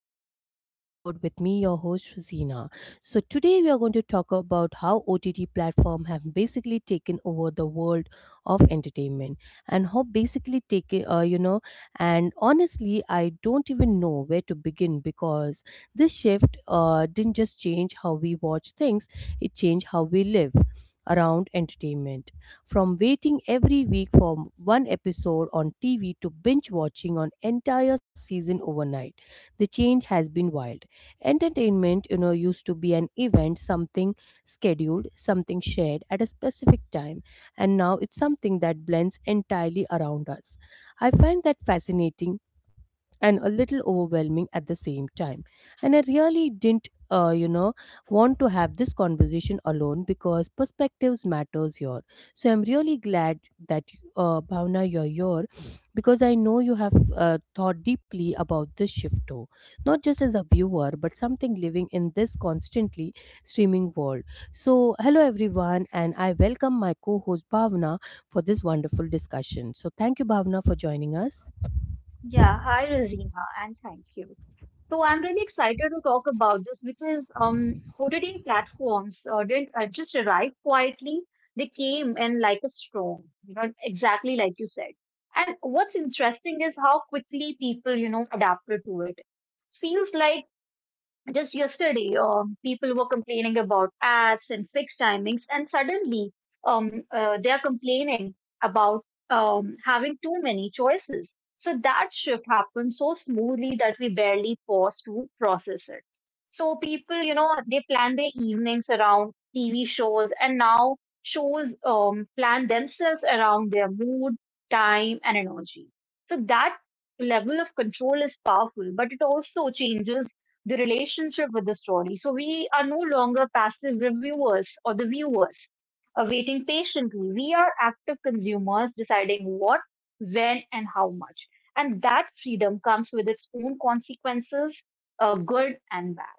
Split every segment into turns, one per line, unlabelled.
yet another episode with me, your host, Zina. So, today we are going to talk about how OTT platform have basically taken over the world of entertainment and how basically and honestly, I don't even know where to begin because this shift didn't just change how we watch things, it changed how we live around entertainment. From waiting every week for one episode on TV to binge watching an entire season overnight, the change has been wild. Entertainment, used to be an event, something scheduled, something shared at a specific time, and now it's something that blends entirely around us. I find that fascinating and a little overwhelming at the same time. And I really didn't, want to have this conversation alone because perspectives matters here. So I'm really glad that Bhavna, you're here because I know you have thought deeply about this shift too, not just as a viewer but something living in this constantly streaming world. So hello everyone, and I welcome my co-host Bhavna for this wonderful discussion. So thank you, Bhavna, for joining us.
Yeah, hi Razina, and thank you. So I'm really excited to talk about this because OTT platforms didn't just arrive quietly; they came in like a storm, you know, exactly like you said. And what's interesting is how quickly people, you know, adapted to it. Feels like just yesterday, people were complaining about ads and fixed timings, and suddenly they are complaining about having too many choices. So that shift happened so smoothly that we barely pause to process it. So people, you know, they plan their evenings around TV shows, and now shows plan themselves around their mood, time, and energy. So that level of control is powerful, but it also changes the relationship with the story. So we are no longer passive reviewers or the viewers awaiting patiently. We are active consumers deciding what, when, and how much. And that freedom comes with its own consequences, good and bad.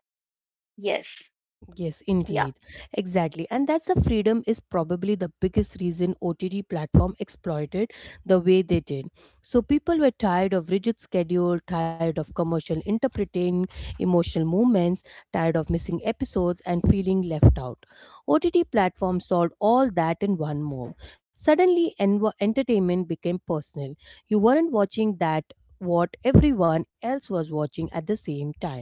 Yes.
Yes,
Yeah.
indeed. Exactly. And that's the freedom is probably the biggest reason OTT platform exploited the way they did. So people were tired of rigid schedule, tired of commercial interpreting, emotional movements, tired of missing episodes and feeling left out. OTT platform solved all that in one move. Suddenly entertainment became personal. You weren't watching that what everyone else was watching at the same time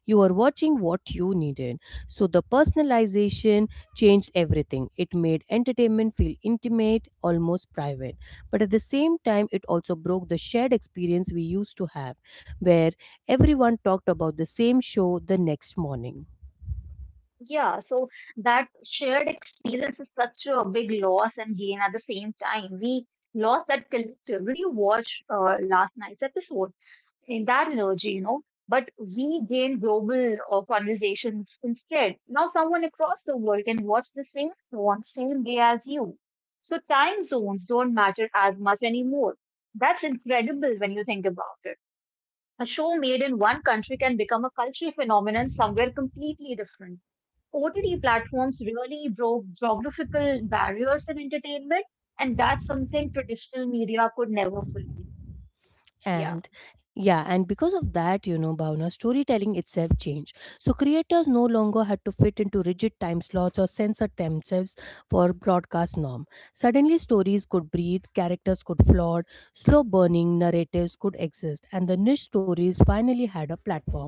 you are watching what you needed. So the personalization changed everything. It made entertainment feel intimate, almost private. But at the same time, it also broke the shared experience we used to have, where everyone talked about the same show the next morning.
Yeah. So that shared experience is such a big loss and gain at the same time. We lost that collective. Did you watch last night's episode? In that energy, you know, but we gain global conversations instead. Now, someone across the world can watch the same show on the same day as you. So time zones don't matter as much anymore. That's incredible when you think about it. A show made in one country can become a cultural phenomenon somewhere completely different. OTT platforms really broke geographical barriers in entertainment, and that's something traditional media could never fully. Yeah.
And yeah, and because of that, you know, Bhavna, storytelling itself changed. So creators no longer had to fit into rigid time slots or censor themselves for broadcast norm. Suddenly stories could breathe, characters could float, slow burning narratives could exist, and the niche stories finally had a platform.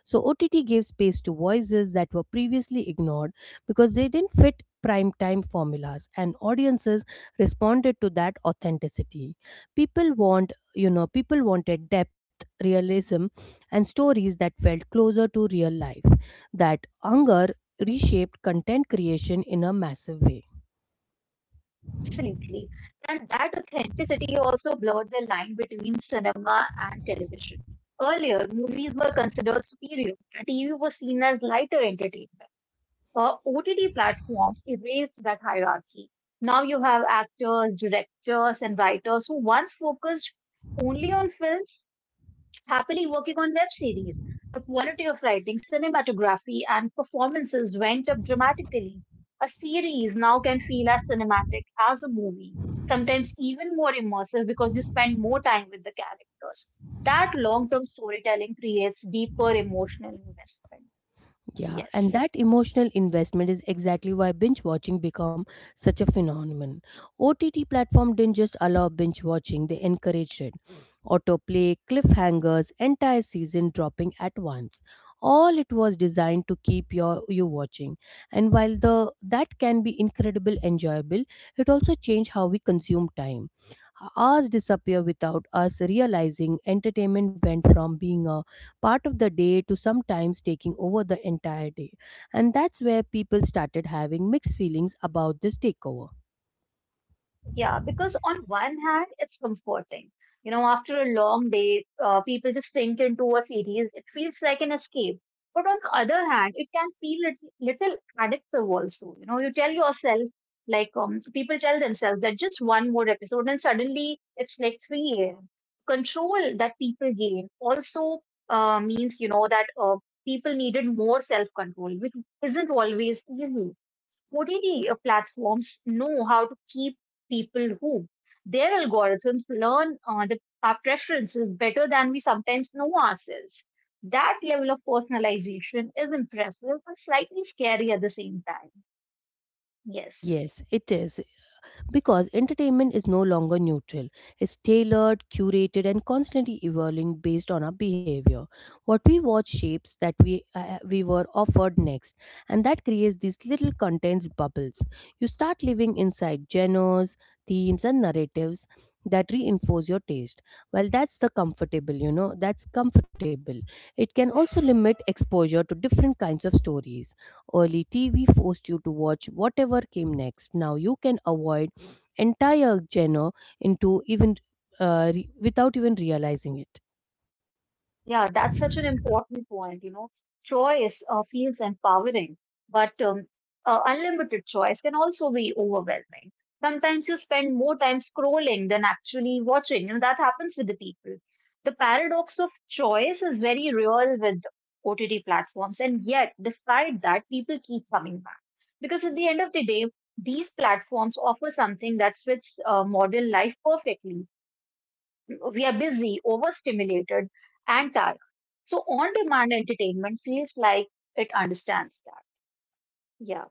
So OTT gave space to voices that were previously ignored because they didn't fit prime time formulas, and audiences responded to that authenticity. people want people wanted depth, realism, and stories that felt closer to real life. That hunger reshaped content creation in a massive way.
Absolutely. And that authenticity also blurred the line between cinema and television. Earlier, movies were considered superior, and TV was seen as lighter entertainment. OTT platforms erased that hierarchy. Now you have actors, directors, and writers who once focused only on films happily working on web series. The quality of writing, cinematography, and performances went up dramatically. A series now can feel as cinematic as a movie, sometimes even more immersive because you spend more time with the characters. That long term storytelling creates deeper emotional investment.
Yeah,
Yes.
and that emotional investment is exactly why binge watching become such a phenomenon. OTT platform didn't just allow binge watching, they encouraged it. Autoplay, cliffhangers, entire season dropping at once. All it was designed to keep you watching. And while the that can be incredible enjoyable, it also changed how we consume time. Hours disappear without us realizing entertainment went from being a part of the day to sometimes taking over the entire day. And that's where people started having mixed feelings about this takeover.
Yeah, because on one hand, it's comforting. You know, after a long day, people just sink into a series. It feels like an escape. But on the other hand, it can feel little addictive also. You know, you tell yourself, like, so people tell themselves that just one more episode, and suddenly it's like 3 a.m. Control that people gain also means, you know, that people needed more self control, which isn't always easy. OTT platforms know how to keep people hooked. Their algorithms learn our preferences better than we sometimes know ourselves. That level of personalization is impressive but slightly scary at the same time. Yes.
Yes, it is. Because entertainment is no longer neutral, it's tailored, curated, and constantly evolving based on our behavior. What we watch shapes that we were offered next, and that creates these little content bubbles. You start living inside genres, themes, and narratives that reinforce your taste. Well, that's the comfortable, you know, that's comfortable. It can also limit exposure to different kinds of stories. Early TV forced you to watch whatever came next. Now you can avoid entire genre into even without even realizing it.
Yeah, that's such an important point. You know, choice feels empowering, but unlimited choice can also be overwhelming. Sometimes you spend more time scrolling than actually watching, and that happens with the people. The paradox of choice is very real with OTT platforms, and yet, despite that, people keep coming back. Because at the end of the day, these platforms offer something that fits modern life perfectly. We are busy, overstimulated, and tired. So on demand entertainment feels like it understands that. Yeah,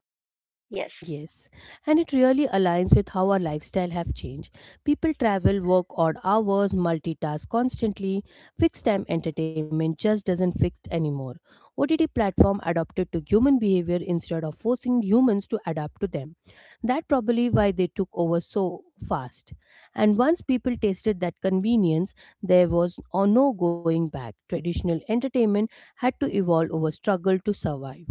yes.
Yes, and it really aligns with how our lifestyle have changed. People travel, work odd hours, multitask constantly. Fixed time entertainment just doesn't fix anymore. OTT platform adapted to human behavior instead of forcing humans to adapt to them. That probably why they took over so fast. And once people tasted that convenience, there was no going back. Traditional entertainment had to evolve over struggle to survive.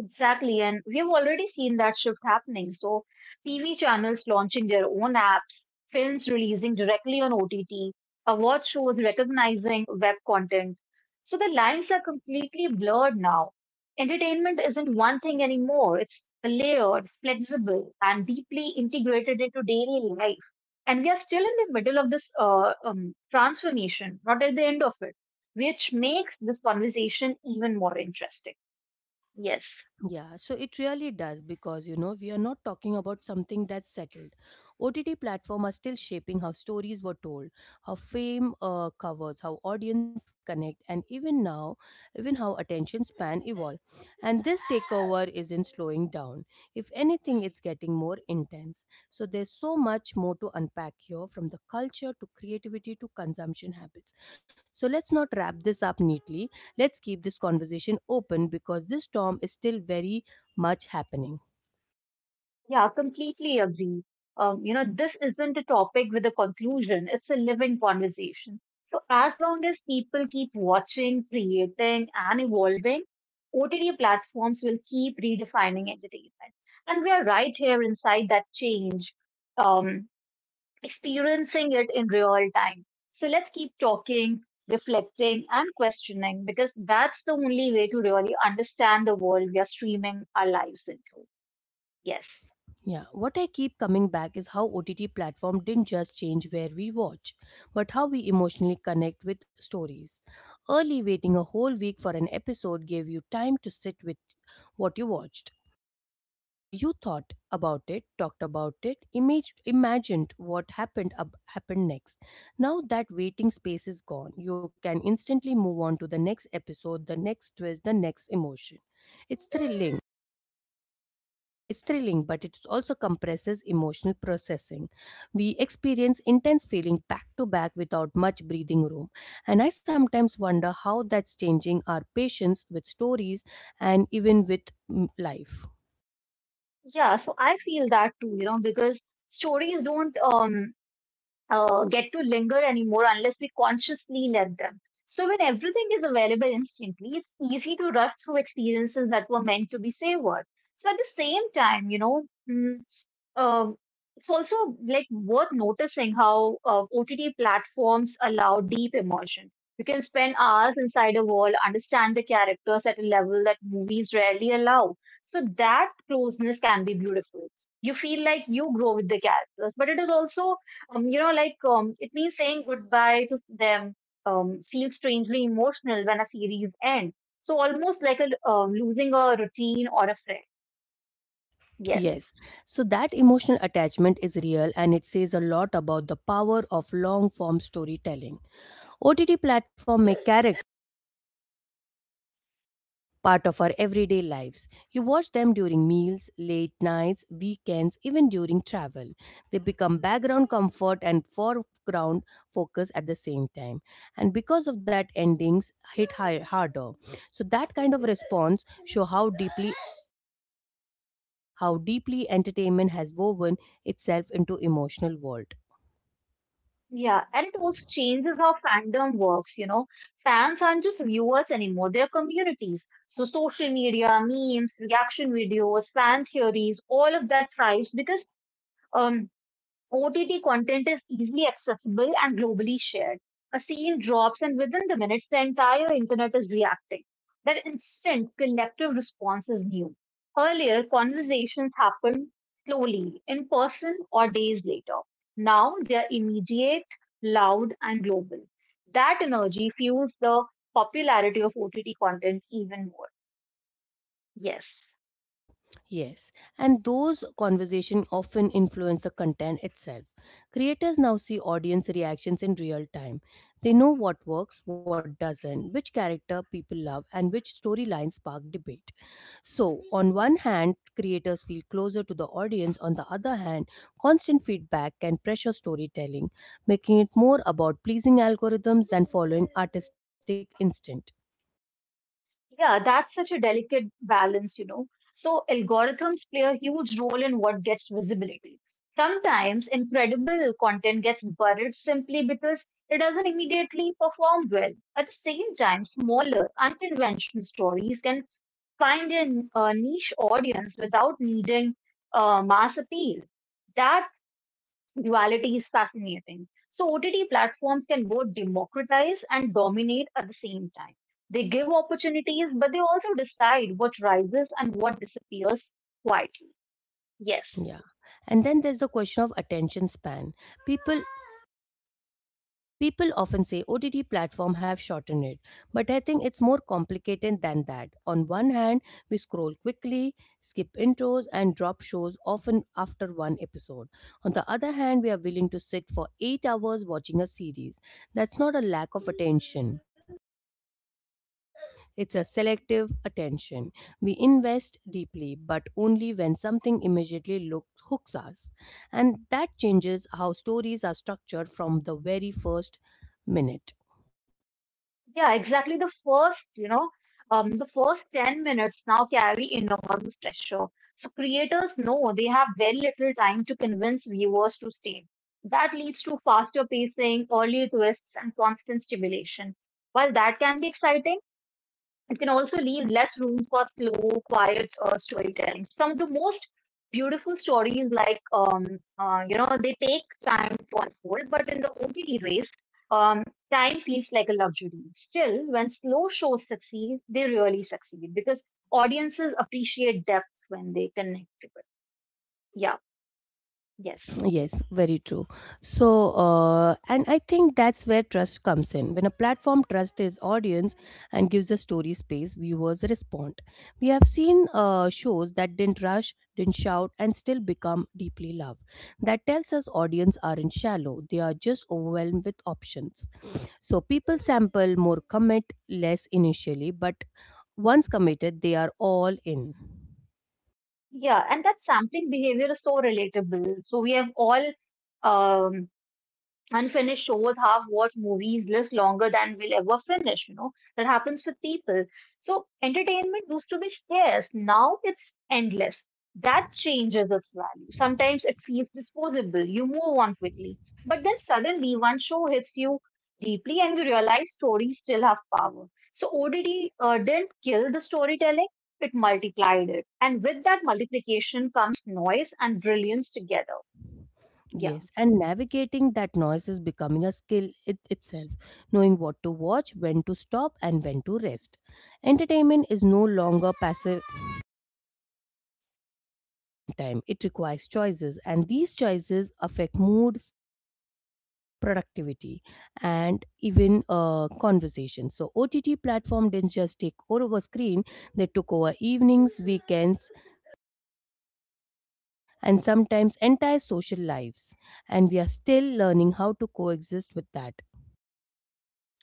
Exactly, and we have already seen that shift happening. So TV channels launching their own apps, films releasing directly on OTT, award shows recognizing web content. So the lines are completely blurred now. Entertainment isn't one thing anymore, it's layered, flexible, and deeply integrated into daily life. And we are still in the middle of this transformation, not at the end of it, which makes this conversation even more interesting. Yes.
Yeah, so it really does because, you know, we are not talking about something that's settled. OTT platform are still shaping how stories were told, how fame covers, how audience connect and even now, even how attention span evolve. And this takeover isn't slowing down. If anything, it's getting more intense. So there's so much more to unpack here from the culture to creativity to consumption habits. So let's not wrap this up neatly. Let's keep this conversation open because this storm is still very much happening.
Yeah, completely agree. You know, this isn't a topic with a conclusion, it's a living conversation. So, as long as people keep watching, creating, and evolving, OTT platforms will keep redefining entertainment. And we are right here inside that change, um, experiencing it in real time. So let's keep talking, reflecting, and questioning because that's the only way to really understand the world we are streaming our lives into. Yes.
Yeah, what I keep coming back is how OTT platform didn't just change where we watch, but how we emotionally connect with stories. Early waiting a whole week for an episode gave you time to sit with what you watched. You thought about it, talked about it, imagined what happened next. Now that waiting space is gone, you can instantly move on to the next episode, the next twist, the next emotion. It's thrilling. It's thrilling, but it also compresses emotional processing. We experience intense feeling back to back without much breathing room, and I sometimes wonder how that's changing our patience with stories and even with life.
Yeah, so I feel that too, you know, because stories don't get to linger anymore unless we consciously let them. So when everything is available instantly, it's easy to rush through experiences that were meant to be savored. So at the same time, you know, mm, um, it's also like worth noticing how OTT platforms allow deep immersion. You can spend hours inside a world, understand the characters at a level that movies rarely allow. So that closeness can be beautiful. You feel like you grow with the characters, but it is also, you know, like it means saying goodbye to them. Feel strangely emotional when a series ends. So almost like a losing a routine or a friend. Yes.
Yes. So that emotional attachment is real and it says a lot about the power of long form storytelling. OTT platform make characters part of our everyday lives. You watch them during meals, late nights, weekends, even during travel. They become background comfort and foreground focus at the same time. And because of that endings hit higher, harder. So that kind of response show how deeply entertainment has woven itself into emotional world.
Yeah, and it also changes how fandom works, you know. Fans aren't just viewers anymore, they're communities. So social media, memes, reaction videos, fan theories, all of that thrives because um OTT content is easily accessible and globally shared. A scene drops, and within the minutes, the entire internet is reacting. That instant collective response is new. Earlier, conversations happened slowly, in person or days later. Now they are immediate, loud, and global. That energy fuels the popularity of OTT content even more. Yes.
Yes, and those conversations often influence the content itself. Creators now see audience reactions in real time. They know what works, what doesn't, which character people love, and which storylines spark debate. So, on one hand, creators feel closer to the audience. On the other hand, constant feedback can pressure storytelling, making it more about pleasing algorithms than following artistic instinct.
Yeah, that's such a delicate balance, you know. So algorithms play a huge role in what gets visibility. Sometimes incredible content gets buried simply because it doesn't immediately perform well. At the same time, smaller, unconventional stories can find a niche audience without needing mass appeal. That duality is fascinating. So OTT platforms can both democratize and dominate at the same time. They give opportunities, but they also decide what rises and what disappears quietly. Yes.
Yeah. And then there's the question of attention span. People People often say OTT platform have shortened it, but I think it's more complicated than that. On one hand, we scroll quickly, skip intros and drop shows often after one episode. On the other hand, we are willing to sit for 8 hours watching a series. That's not a lack of attention. It's a selective attention. We invest deeply, but only when something hooks us. And that changes how stories are structured from the very first minute.
Yeah, exactly. The first, you know, the first 10 minutes now carry enormous pressure. So creators know they have very little time to convince viewers to stay. That leads to faster pacing, early twists, and constant stimulation. While that can be exciting, it can also leave less room for slow, quiet storytelling. Some of the most beautiful stories, like you know, they take time to unfold, but in the OTT race, time feels like a luxury. Still, when slow shows succeed, they really succeed because audiences appreciate depth when they connect to it. Yeah. Yes.
Yes, very true. So, and I think that's where trust comes in. When a platform trusts its audience and gives a story space, viewers respond. We have seen shows that didn't rush, didn't shout, and still become deeply loved. That tells us audience aren't shallow; they are just overwhelmed with options. So people sample more, commit less initially, but once committed, they are all in.
Yeah, and that sampling behavior is so relatable. So we have all um, unfinished shows, half watched movies last longer than we'll ever finish. You know, that happens with people. So entertainment used to be scarce. Now it's endless. That changes its value. Sometimes it feels disposable. You move on quickly. But then suddenly one show hits you deeply and you realize stories still have power. So ODD didn't kill the storytelling, it multiplied it. And with that multiplication comes noise and brilliance together. Yeah.
Yes, and navigating that noise is becoming a skill it itself, knowing what to watch, when to stop, and when to rest. Entertainment is no longer passive downtime, it requires choices, and these choices affect mood, sleep, productivity, and even conversation. So, OTT platform didn't just take over screen, they took over evenings, weekends, and sometimes entire social lives. And we are still learning how to coexist with that.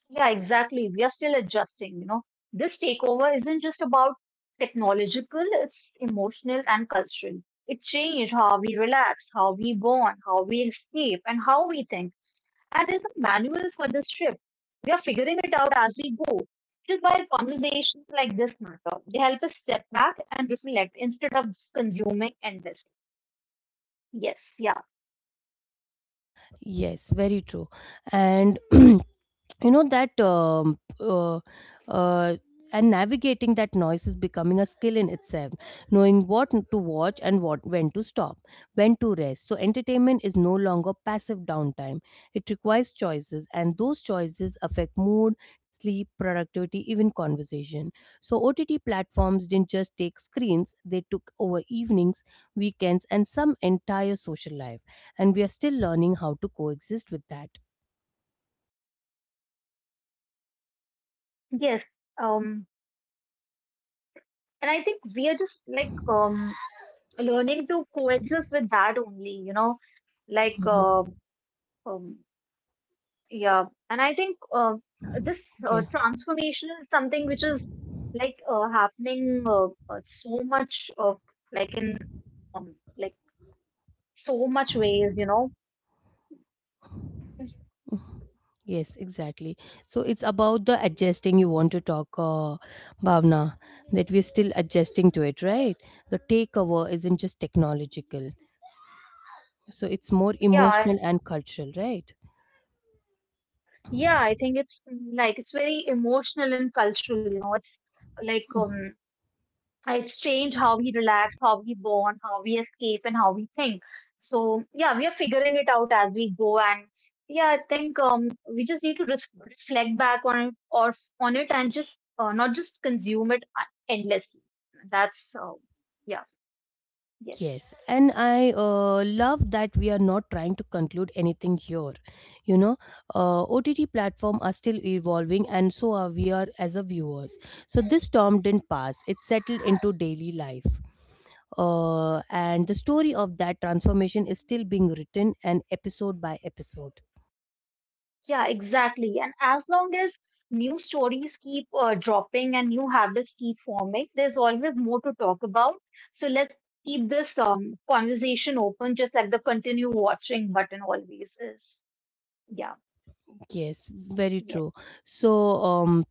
Yeah, exactly. We are still adjusting, you know. This takeover isn't just about technological, it's emotional and cultural. It changed how we relax, how we bond, how we escape, and how we think. And there's a manual for this shift. We are figuring it out as we go. Just by conversations like this matter, they help us step back and reflect instead of just consuming endlessly. Yes, yeah,
Yes, very true. And you know that uh, and navigating that noise is becoming a skill in itself. Knowing what to watch and what when to stop, when to rest. So entertainment is no longer passive downtime. It requires choices, and those choices affect mood, sleep, productivity, even conversation. So OTT platforms didn't just take screens; they took over evenings, weekends, and some entire social life and we are still learning how to coexist with that.
yes. Um, and I think we are just like learning to coexist with that only, you know, like
Mhm.
um, yeah. And I think this
Yeah.
transformation is something which is like happening so much of like in um, like so much ways, you know.
Mhm. Yes, exactly. So it's about the adjusting you want to talk, Bhavna, that we're still adjusting to it, right? The takeover isn't just technological, so it's more
yeah I-
emotional and cultural, right?
yeah, I think it's like it's very emotional and cultural, you know. It's like It's strange how we relax, how we bond, how we escape, and how we think. So yeah, we are figuring it out as we go, and yeah, I think we just need to reflect back on it or on it and just not just consume it endlessly. That's Yeah, yes.
Yes, and I love that we are not trying to conclude anything here. You know, OTT platform are still evolving, and so are we are as a viewers. So this storm didn't pass; it settled into daily life, and the story of that transformation is still being written, and episode by episode.
Yeah, exactly. And as long as new stories keep dropping and new habits keep forming, there's always more to talk about. So let's keep this conversation open, just like the continue watching button always is. Yeah,
Yes, very
yes.
true. So um,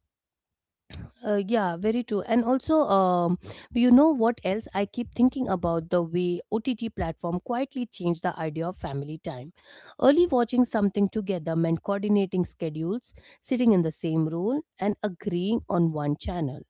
Yeah, very true. You know what else I keep thinking about the way OTT platform quietly changed the idea of family time. Early watching something together meant coordinating schedules, sitting in the same room, and agreeing on one channel.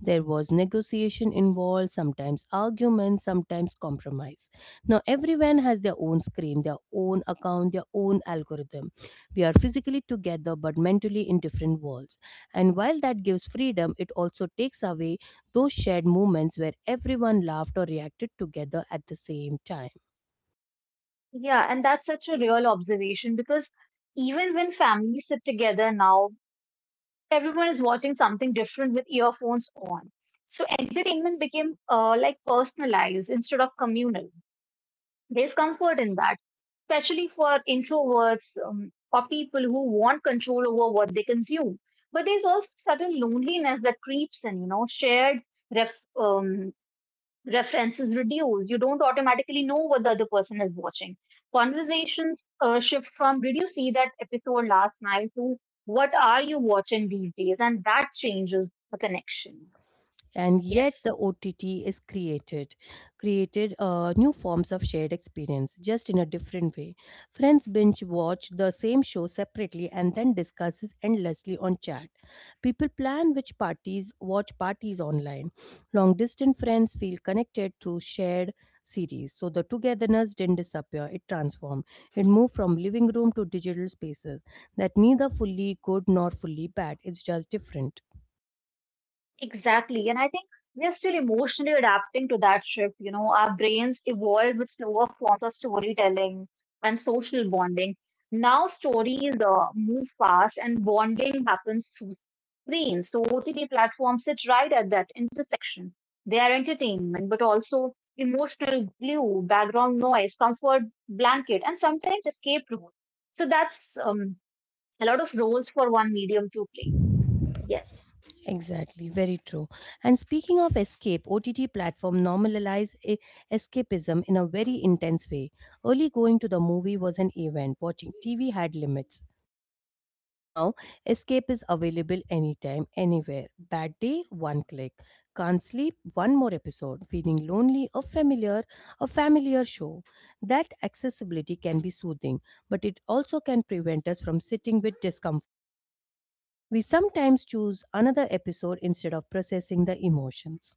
There was negotiation involved, sometimes arguments, sometimes compromise. Now, everyone has their own screen, their own account, their own algorithm. We are physically together but mentally in different worlds and while that gives freedom, it also takes away those shared moments where everyone laughed or reacted together at the same time.
Yeah, and that's such a real observation because even when families sit together now, everyone is watching something different with earphones on. So entertainment became like personalized instead of communal. There's comfort in that, especially for introverts or people who want control over what they consume. But there's also certain loneliness that creeps in, you know, shared ref, um, references reduce. You don't automatically know what the other person is watching. Conversations shift from, did you see that episode last night, to what are you watching these days? And that changes the connection.
And yet
Yes.
the OTT is created new forms of shared experience, just in a different way. Friends binge watch the same show separately and then discusses endlessly on chat. People plan which parties watch parties online. Long distance friends feel connected through shared series. So the togetherness didn't disappear; it transformed. It moved from living room to digital spaces. That neither fully good nor fully bad. It's just different.
Exactly. And I think we are still emotionally adapting to that shift. You know, our brains evolved with slower forms of storytelling and social bonding. Now stories move fast and bonding happens through screens. So OTT platforms sit right at that intersection. They are entertainment, but also emotional glue, background noise, comfort blanket, and sometimes escape route. So that's a lot of roles for one medium to play. Yes.
Exactly, very true. And speaking of escape, OTT platform normalize escapism in a very intense way. Early going to the movie was an event, watching TV had limits. Now, escape is available anytime, anywhere. Bad day, one click. Can't sleep, one more episode. Feeling lonely, a familiar show. That accessibility can be soothing, but it also can prevent us from sitting with discomfort. We sometimes choose another episode instead of processing the emotions.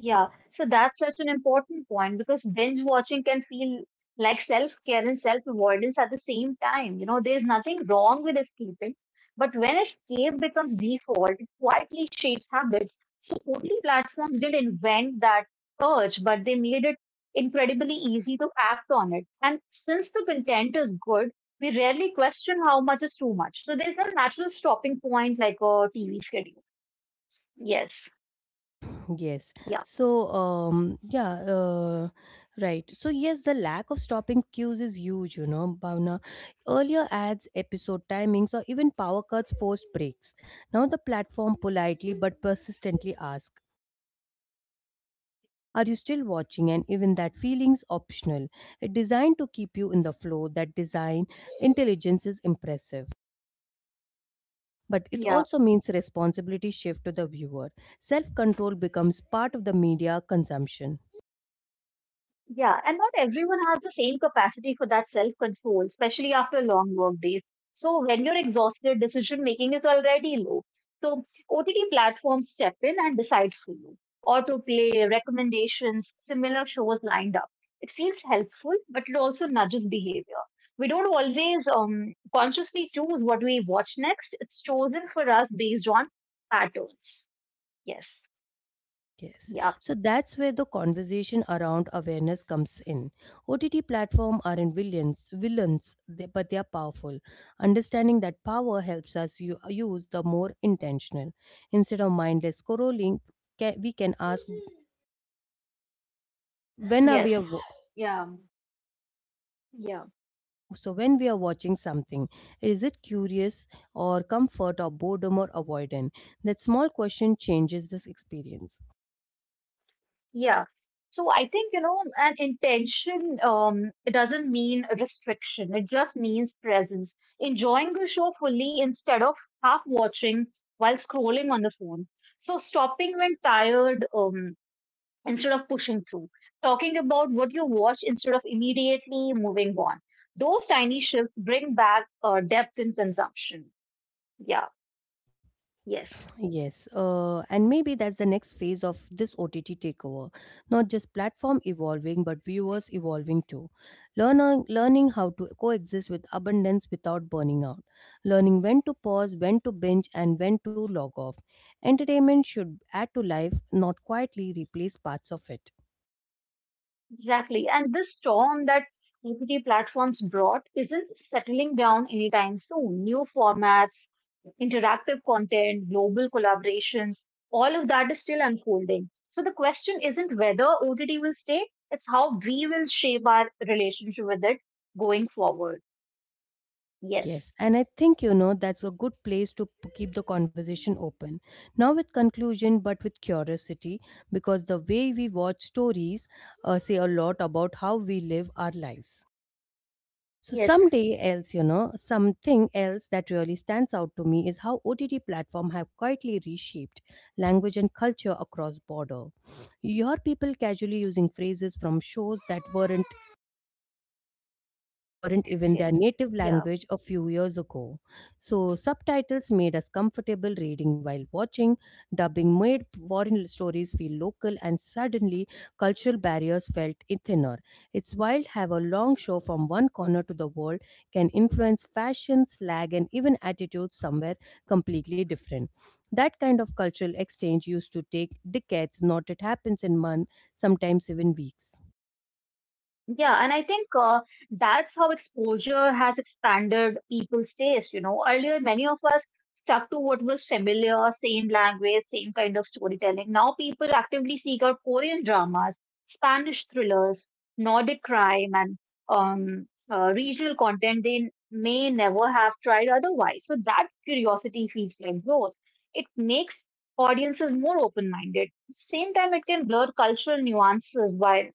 Yeah, so that's such an important point because binge watching can feel like self-care and self-avoidance at the same time. You know, there's nothing wrong with escaping, but when escape becomes default, it quietly shapes habits. So OTT platforms didn't invent that urge, but they made it incredibly easy to act on it. And since the content is good, we rarely question how much is too much. So there's no natural stopping point like a TV schedule. Yes.
Yes.
Yeah.
So, um, yeah, uh, right. So the lack of stopping cues is huge, you know, Bhavna. Earlier ads, episode timings, or even power cuts forced breaks. Now, the platform politely but persistently asks, are you still watching? And even that feeling's optional. It's designed to keep you in the flow. That design intelligence is impressive, but it
Yeah.
also means responsibility shift to the viewer. Self control becomes part of the media consumption.
Yeah, and not everyone has the same capacity for that self-control, especially after long work days. So when you're exhausted, decision making is already low. So OTT platforms step in and decide for you. Autoplay, recommendations, similar shows lined up. It feels helpful, but it also nudges behavior. We don't always consciously choose what we watch next. It's chosen for us based on patterns. Yes.
Yes.
Yeah.
So that's where the conversation around awareness comes in. OTT platforms aren't villains, but they are powerful. Understanding that power helps us use the more intentional. Instead of mindless scrolling, we can ask when are
Yes.
we
Yeah, yeah.
so, when we are watching something, is it curious or comfort or boredom or avoidant? That small question changes this experience.
Yeah. So I think, you know, an intention, it doesn't mean a restriction. It just means presence. Enjoying the show fully instead of half watching while scrolling on the phone. So stopping when tired, instead of pushing through. Talking about what you watch instead of immediately moving on. Those tiny shifts bring back depth in consumption. Yeah. Yes.
Yes, and maybe that's the next phase of this OTT takeover. Not just platform evolving, but viewers evolving too. Learning how to coexist with abundance without burning out. Learning when to pause, when to binge, and when to log off. Entertainment should add to life, not quietly replace parts of it.
Exactly. And this storm that OTT platforms brought isn't settling down anytime soon. New formats, interactive content, global collaborations, all of that is still unfolding. So the question isn't whether OTT will stay, it's how we will shape our relationship with it going forward.
Yes,
Yes.
and I think you know that's a good place to keep the conversation open. Now with conclusion, but with curiosity, because the way we watch stories say a lot about how we live our lives. So
Yes.
someday else, you know, something else that really stands out to me is how OTT platform have quietly reshaped language and culture across border. You hear people casually using phrases from shows that weren't
Yes.
even their
Yes.
native
Yeah.
language a few years ago. So, subtitles made us comfortable reading while watching, dubbing made foreign stories feel local, and suddenly cultural barriers felt thinner. It's wild how a long show from one corner to the world can influence fashion, slang, and even attitudes somewhere completely different. That kind of cultural exchange used to take decades, not it happens in months, sometimes even weeks.
Yeah, and I think that's how exposure has expanded people's taste. You know, earlier many of us stuck to what was familiar, same language, same kind of storytelling. Now people actively seek out Korean drama, Spanish thrillers, Nordic crime, and regional content they may never have tried otherwise. So that curiosity feels like growth. It makes audiences more open-minded. At the same time, it can blur cultural nuances while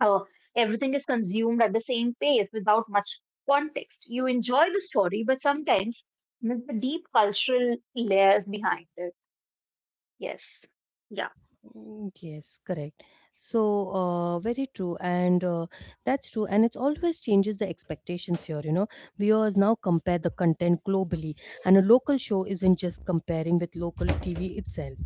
uh, everything is consumed at the same pace without much context. You enjoy the story, but sometimes miss the deep cultural layers behind it. Yes. Yeah.
Yes, correct. So, very true, and that's true. And it always changes the expectations here. You know, viewers now compare the content globally, and a local show isn't just comparing with local TV itself;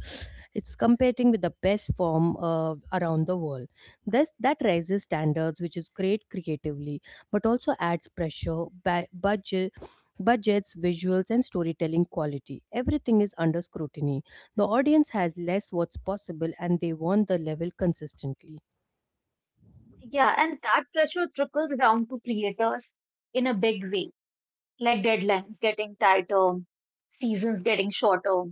it's competing with the best form around the world. This that raises standards, which is great creatively, but also adds pressure, budgets, visuals, and storytelling quality. Everything is under scrutiny the audience has less what's possible and they want the level consistently.
Yeah. And that pressure trickles down to creators in a big way, like deadlines getting tighter, seasons getting shorter,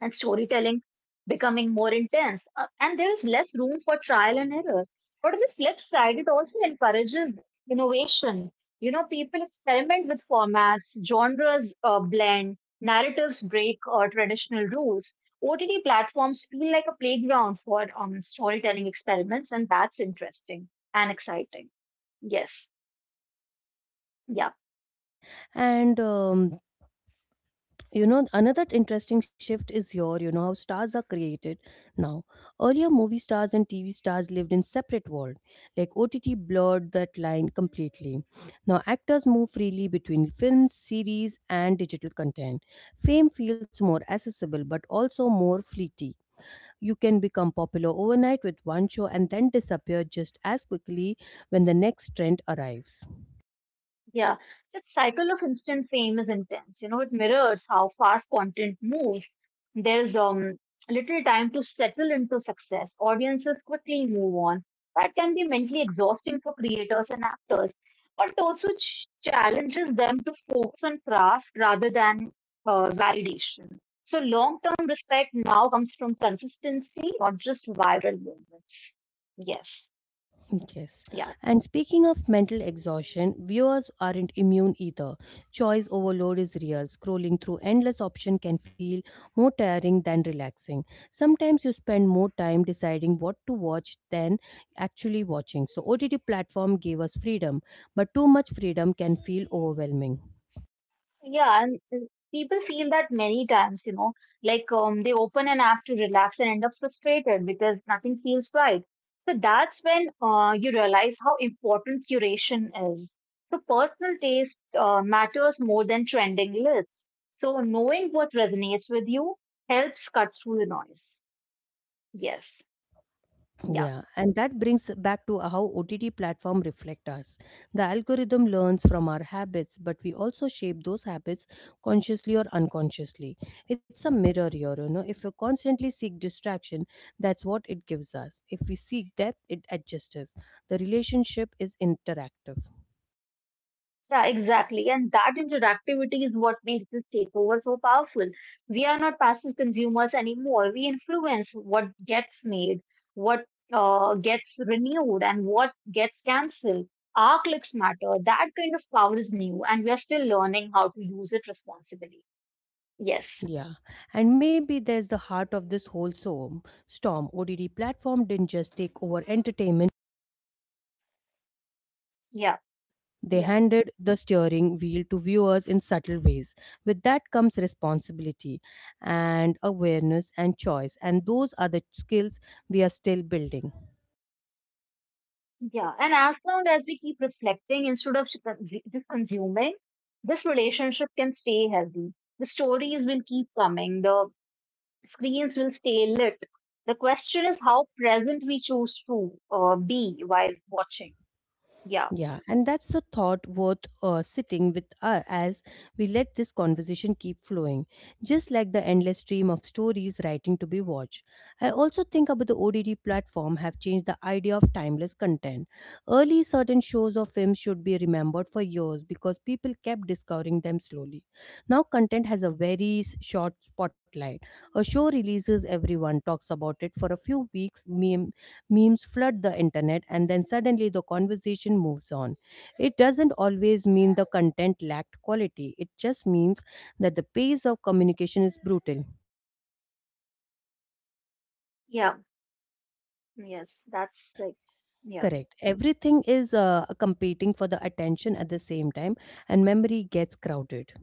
and storytelling becoming more intense, and there is less room for trial and error. But on the flip side, it also encourages innovation. You know, people experiment with formats, genres blend, narratives break traditional rules. OTT platforms feel like a playground for storytelling experiments, and that's interesting and exciting. Yes. Yeah.
And you know, another interesting shift is here, you know, how stars are created now. Earlier, movie stars and TV stars lived in separate world. Like OTT blurred that line completely. Now, actors move freely between films, series, and digital content. Fame feels more accessible but also more fleeting. You can become popular overnight with one show and then disappear just as quickly when the next trend arrives.
Yeah, that cycle of instant fame is intense. You know, it mirrors how fast content moves. There's little time to settle into success. Audiences quickly move on. That can be mentally exhausting for creators and actors, but also it challenges them to focus on craft rather than validation. So long-term respect now comes from consistency, not just viral moments. Yes.
Yes.
Yeah.
And speaking of mental exhaustion, viewers aren't immune either. Choice overload is real. Scrolling through endless options can feel more tiring than relaxing. Sometimes you spend more time deciding what to watch than actually watching. So OTT platform gave us freedom, but too much freedom can feel overwhelming.
Yeah, and people feel that many times, you know, like they open an app to relax and end up frustrated because nothing feels right. So that's when you realize how important curation is. So personal taste matters more than trending lists. So knowing what resonates with you helps cut through the noise. Yes. Yeah.
Yeah, and that brings back to how OTT platform reflect us. The algorithm learns from our habits, but we also shape those habits consciously or unconsciously. It's a mirror here, you know. If you constantly seek distraction, that's what it gives us. If we seek depth, it adjusts. The relationship is interactive.
Yeah, exactly. And that interactivity is what makes this takeover so powerful. We are not passive consumers anymore. We influence what gets made, what gets renewed, and what gets cancelled. Our clicks matter. That kind of power is new, and we are still learning how to use it responsibly. Yes.
Yeah, and maybe there's the heart of this whole storm. Storm ODD platform didn't just take over entertainment;
Yeah.
they
Yeah.
handed the steering wheel to viewers in subtle ways. With that comes responsibility and awareness and choice, and those are the skills we are still building.
Yeah. And as long as we keep reflecting instead of just consuming, this relationship can stay healthy. The stories will keep coming. The screens will stay lit. The question is how present we choose to be while watching. Yeah,
Yeah, and that's the thought worth sitting with as we let this conversation keep flowing, just like the endless stream of stories writing to be watched. I also think about the ODD platform have changed the idea of timeless content. Early certain shows or films should be remembered for years because people kept discovering them slowly. Now content has a very short spotlight. A show releases, everyone talks about it for a few weeks, memes flood the internet and then suddenly the conversation moves on. It doesn't always mean the content lacked quality, it just means that the pace of communication is brutal.
yeah, yes, that's like, yeah.
Correct. Everything is competing for the attention at the same time, and memory gets crowded.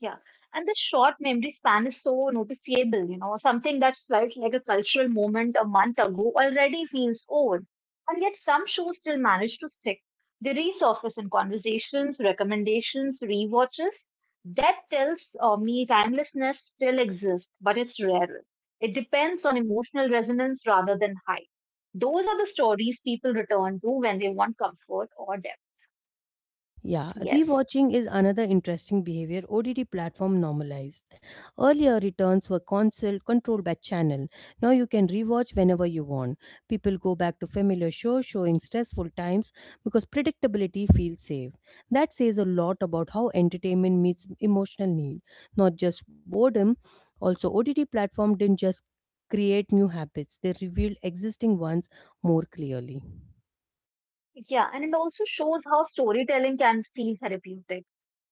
Yeah, and the short memory span is so noticeable, you know, something that felt like a cultural moment a month ago already feels old. And yet some shows still manage to stick. They resurface in conversations, recommendations, rewatches. That tells me timelessness still exists, but it's rarer. It depends on emotional resonance rather than hype. Those are the stories people return to when they want comfort or depth.
Yeah,
Yes.
rewatching is another interesting behavior OTT platform normalized. Earlier, returns were console controlled by channel. Now you can rewatch whenever you want. People go back to familiar shows showing stressful times because predictability feels safe. That says a lot about how entertainment meets emotional need, not just boredom. Also, OTT platform didn't just create new habits; they revealed existing ones more clearly.
Yeah, and it also shows how storytelling can feel therapeutic.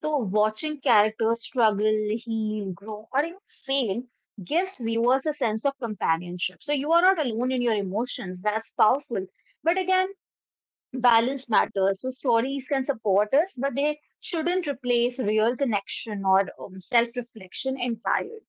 So watching characters struggle, heal, grow, or even fail gives viewers a sense of companionship. So you are not alone in your emotions. That's powerful. But again, balance matters. So stories can support us, but they shouldn't replace real connection or self-reflection entirely.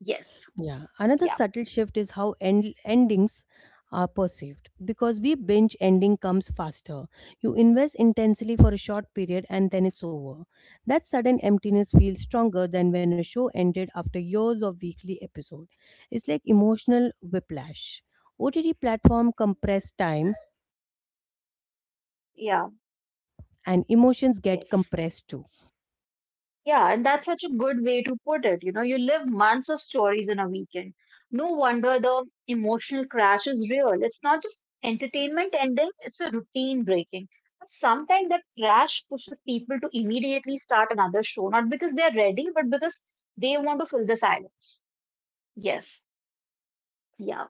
Yes.
Yeah, another
Yeah.
subtle shift is how endings are perceived because we binge ending comes faster. You invest intensely for a short period and then it's over. That sudden emptiness feels stronger than when a show ended after years of weekly episode. It's like emotional whiplash. OTT platform compress time
Yeah.
and emotions get
Yes.
compressed too.
Yeah, and that's such a good way to put it. You know, you live months of stories in a weekend. No wonder the emotional crash is real. It's not just entertainment ending, it's a routine breaking. But sometimes that crash pushes people to immediately start another show, not because they're ready, but because they want to fill the silence. Yes, yeah.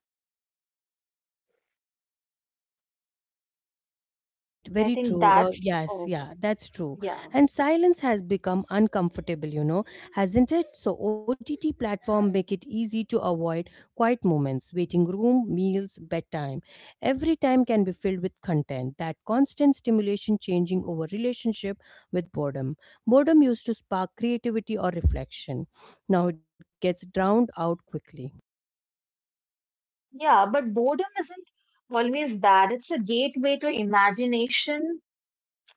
Correct,
Yeah, I
very
think
true.
that's,
Yes,
oh,
yeah, that's true.
yeah.
And silence has become uncomfortable, you know, hasn't it? So OTT platform make it easy to avoid quiet moments, waiting room, meals, bedtime. Every time can be filled with content. That constant stimulation changing over relationship with boredom. Boredom used to spark creativity or reflection. Now it gets drowned out quickly.
Yeah, but boredom isn't always bad. It's a gateway to imagination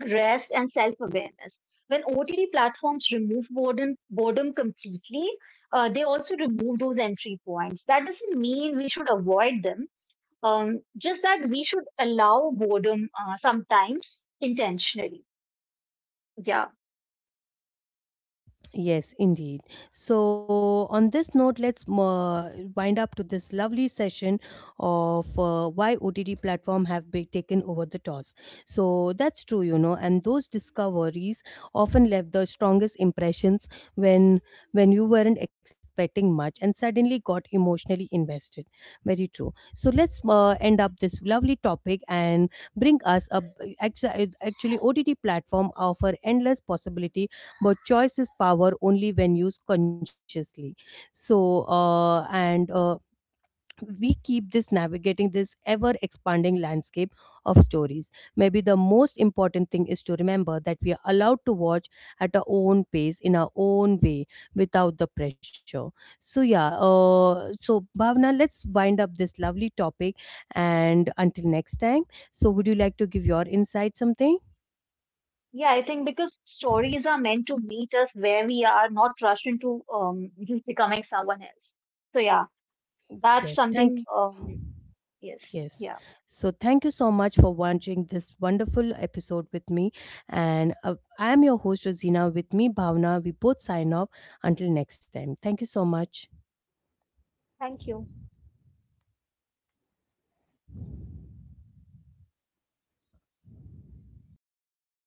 rest, and self awareness. When OTT platforms remove boredom, completely, they also remove those entry points. That doesn't mean we should avoid them, just that we should allow boredom sometimes intentionally. Yeah.
Yes, indeed. So, on this note, let's wind up to this lovely session of why OTT platform have been taken over the toss. So that's true, you know, and those discoveries often left the strongest impressions when you weren't expecting much and suddenly got emotionally invested. Very true. So let's end up this lovely topic and bring us up. Actually, OTT platform offer endless possibility, but choice is power only when used consciously, so and we keep this navigating this ever expanding landscape of stories. Maybe the most important thing is to remember that we are allowed to watch at our own pace in our own way without the pressure. So yeah, so Bhavna, let's wind up this lovely topic and until next time. So would you like to give your insight something?
Yeah, I think because stories are meant to meet us where we are, not rush into just becoming someone else. So, yeah, that's
Yes, thank.
something. Yes.
Yes.
Yeah.
So thank you so much for watching this wonderful episode with me. And I am your host, Rosina. With me, Bhavna. We both sign off. Until next time. Thank you so much.
Thank you.